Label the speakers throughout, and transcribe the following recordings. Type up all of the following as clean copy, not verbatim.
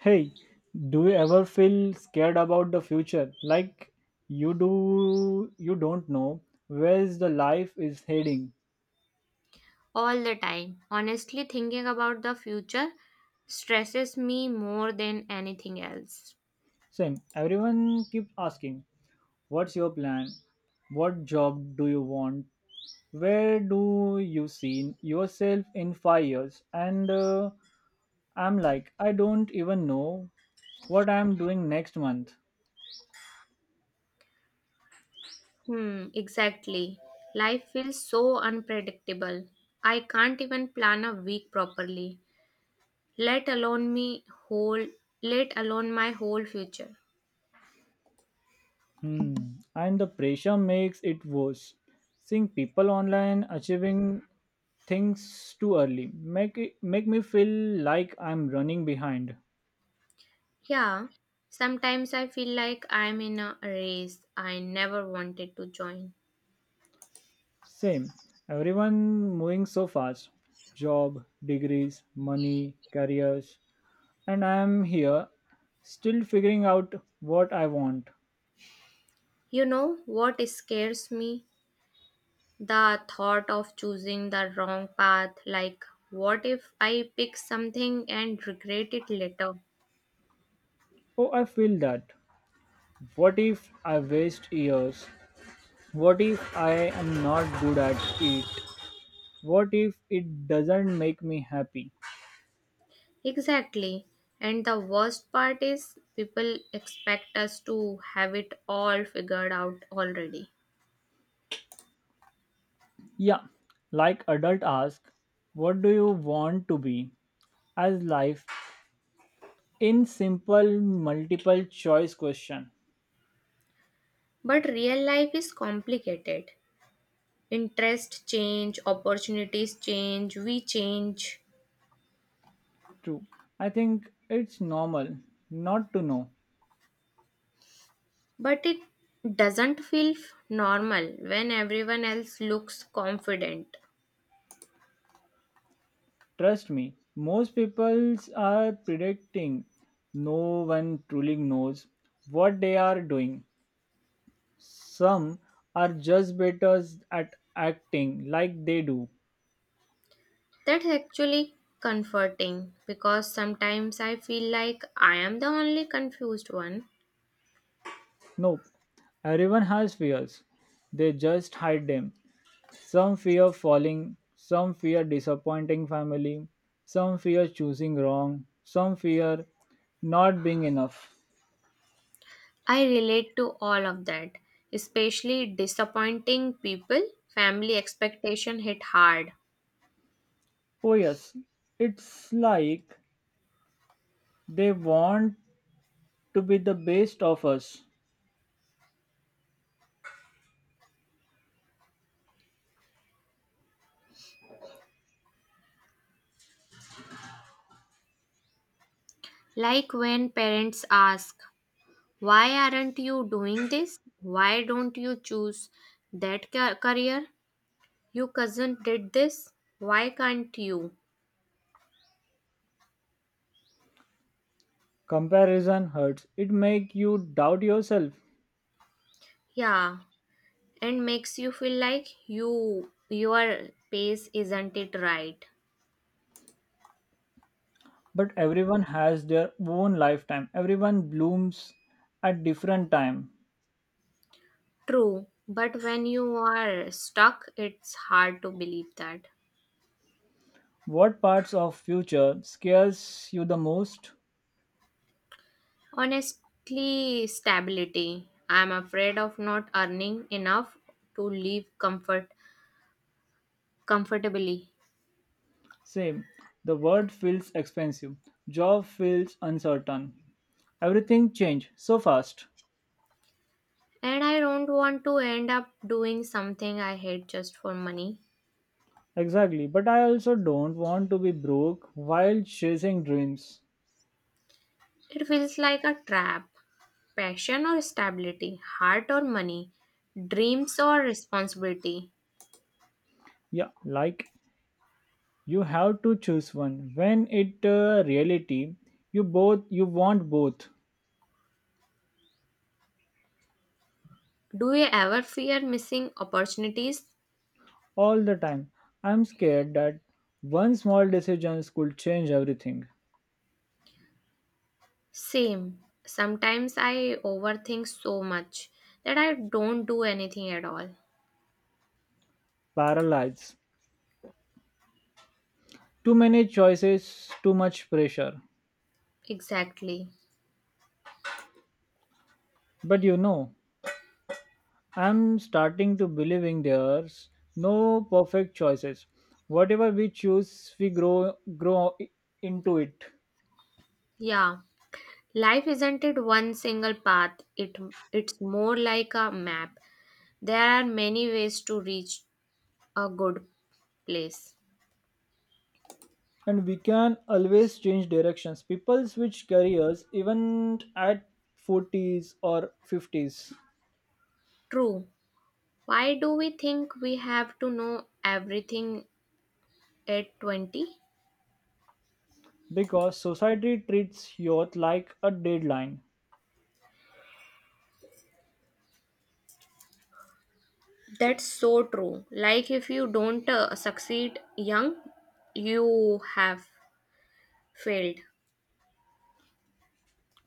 Speaker 1: Hey, do you ever feel scared about the future? Like you don't know where's the life is heading.
Speaker 2: All the time. Honestly, thinking about the future stresses me more than anything else.
Speaker 1: Same. Everyone keeps asking, what's your plan? What job do you want? Where do you see yourself in 5 years? And I'm like, I don't even know what I'm doing next month.
Speaker 2: Hmm, exactly. Life feels so unpredictable. I can't even plan a week properly, let alone me whole let alone my whole future.
Speaker 1: Hmm. And the pressure makes it worse. Seeing people online achieving things too early make me feel like I'm running behind.
Speaker 2: Yeah, sometimes I feel like I'm in a race I never wanted to join.
Speaker 1: Same. Everyone moving so fast. Job, degrees, money, careers, and I am here still figuring out what I want.
Speaker 2: You know what scares me? The thought of choosing the wrong path, like what if I pick something and regret it later?
Speaker 1: Oh, I feel that. What if I waste years? What if I am not good at it? What if it doesn't make me happy?
Speaker 2: Exactly. And the worst part is people expect us to have it all figured out already.
Speaker 1: Yeah, like adult ask, what do you want to be as life in simple multiple choice question.
Speaker 2: But real life is complicated. Interest change, opportunities change, we change.
Speaker 1: True. I think it's normal not to know.
Speaker 2: But it doesn't feel normal when everyone else looks confident.
Speaker 1: Trust me, most peoples are predicting no one truly knows what they are doing. Some are just better at acting like they do.
Speaker 2: That's actually comforting because sometimes I feel like I am the only confused one.
Speaker 1: Nope. Everyone has fears. They just hide them. Some fear falling, some fear disappointing family, some fear choosing wrong, some fear not being enough.
Speaker 2: I relate to all of that, especially disappointing people. Family expectation hit hard.
Speaker 1: Oh, yes. It's like they want to be the best of us.
Speaker 2: Like when parents ask, why aren't you doing this? Why don't you choose career? Your cousin did this. Why can't you?
Speaker 1: Comparison hurts. It makes you doubt yourself.
Speaker 2: Yeah, and makes you feel like your pace isn't it right.
Speaker 1: But everyone has their own lifetime. Everyone blooms at different time.
Speaker 2: True, but when you are stuck it's hard to believe that.
Speaker 1: What parts of future scares you the most?
Speaker 2: Honestly, stability. I'm afraid of not earning enough to live comfortably.
Speaker 1: Same. The world feels expensive. Job feels uncertain. Everything changed so fast.
Speaker 2: And I don't want to end up doing something I hate just for money.
Speaker 1: Exactly, but I also don't want to be broke while chasing dreams.
Speaker 2: It feels like a trap. Passion or stability, heart or money, dreams or responsibility.
Speaker 1: Yeah, like you have to choose one. When it reality, you want both
Speaker 2: Do you ever fear missing opportunities?
Speaker 1: all the time. I'm scared that one small decision could change everything.
Speaker 2: Same. Sometimes I overthink so much that I don't do anything at all.
Speaker 1: Paralyze. Too many choices, too much pressure.
Speaker 2: Exactly.
Speaker 1: But you know, I'm starting to believing there's no perfect choices. Whatever we choose, we grow i- into it.
Speaker 2: Yeah. Life isn't it one single path. It's more like a map. There are many ways to reach a good place.
Speaker 1: And we can always change directions. People switch careers even at 40s or 50s
Speaker 2: True. Why do we think we have to know everything at 20?
Speaker 1: because society treats youth like a deadline.
Speaker 2: That's so true. Like if you don't succeed young, you have failed.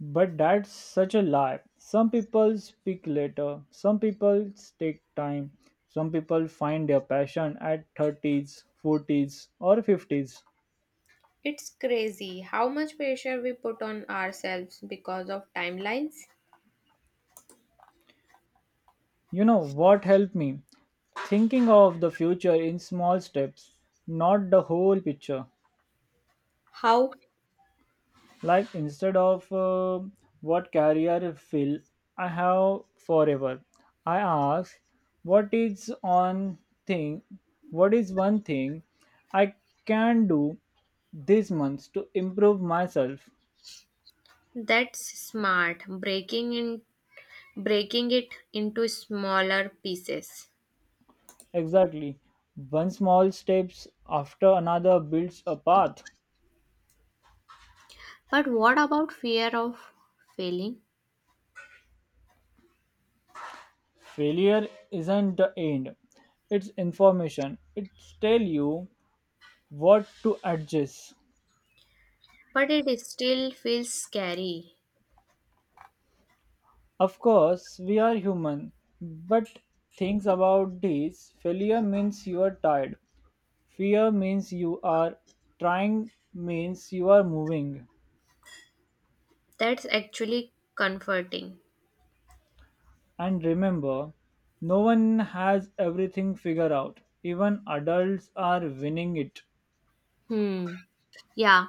Speaker 1: But that's such a lie. Some people speak later, some people take time, some people find their passion at 30s, 40s, or 50s.
Speaker 2: It's crazy how much pressure we put on ourselves because of timelines.
Speaker 1: You know what helped me? Thinking of the future in small steps, not the whole picture.
Speaker 2: How?
Speaker 1: Like instead of what career fill I have forever, I ask what is on thing what is one thing I can do this month to improve myself.
Speaker 2: That's smart. Breaking it into smaller pieces.
Speaker 1: Exactly, one small steps after another builds a path.
Speaker 2: But what about fear of failing?
Speaker 1: Failure isn't the end, it's information. It tell you what to adjust.
Speaker 2: But it still feels scary.
Speaker 1: Of course, we are human, but things about this failure means you are tired, fear means you are trying, means you are moving.
Speaker 2: That's actually comforting.
Speaker 1: And remember, no one has everything figured out, even adults are winning it.
Speaker 2: Hmm. Yeah.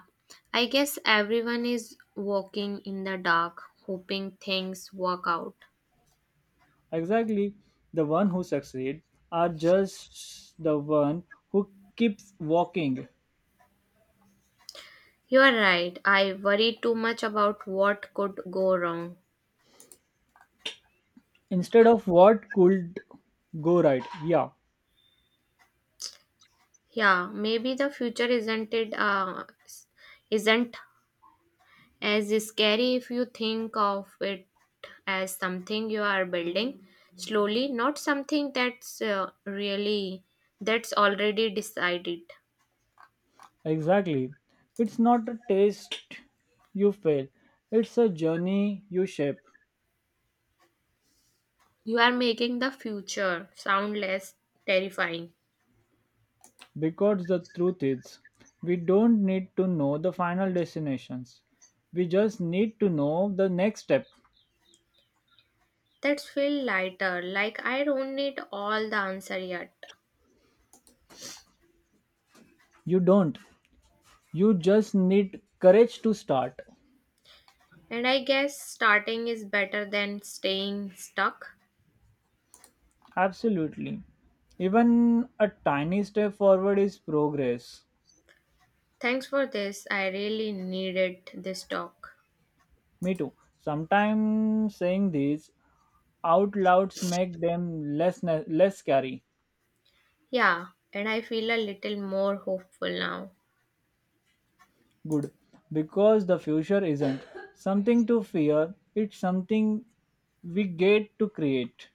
Speaker 2: I guess everyone is walking in the dark, hoping things work out.
Speaker 1: Exactly, the one who succeed are just the one who keeps walking
Speaker 2: You are right. I worry too much about what could go wrong.
Speaker 1: instead of what could go right. Yeah.
Speaker 2: Yeah, maybe the future isn't it s- isn't as scary if you think of it as something you are building slowly, not something that's already decided.
Speaker 1: Exactly. It's not a taste you fail, it's a journey you shape.
Speaker 2: You are making the future sound less terrifying.
Speaker 1: Because the truth is, we don't need to know the final destinations. We just need to know the next step.
Speaker 2: That's feel lighter, like I don't need all the answer yet.
Speaker 1: You don't. You just need courage to start.
Speaker 2: And I guess starting is better than staying stuck.
Speaker 1: Absolutely. Even a tiny step forward is progress.
Speaker 2: Thanks for this. I really needed this talk.
Speaker 1: Me too. Sometimes saying these out louds make them less scary.
Speaker 2: Yeah, and I feel a little more hopeful now.
Speaker 1: Good, because the future isn't something to fear, it's something we get to create.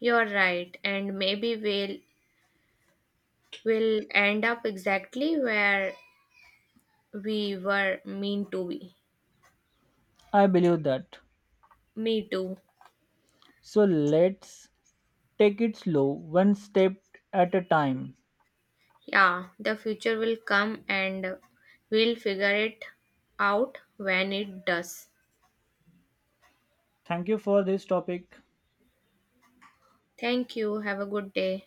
Speaker 2: You're right, and maybe we'll will end up exactly where we were mean to be.
Speaker 1: I believe that.
Speaker 2: Me too.
Speaker 1: So let's take it slow, one step at a time.
Speaker 2: Yeah, the future will come and we'll figure it out when it does.
Speaker 1: Thank you for this topic.
Speaker 2: Thank you. Have a good day.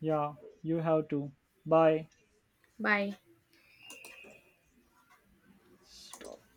Speaker 1: Yeah, you have to. Bye.
Speaker 2: Bye.
Speaker 1: Stop.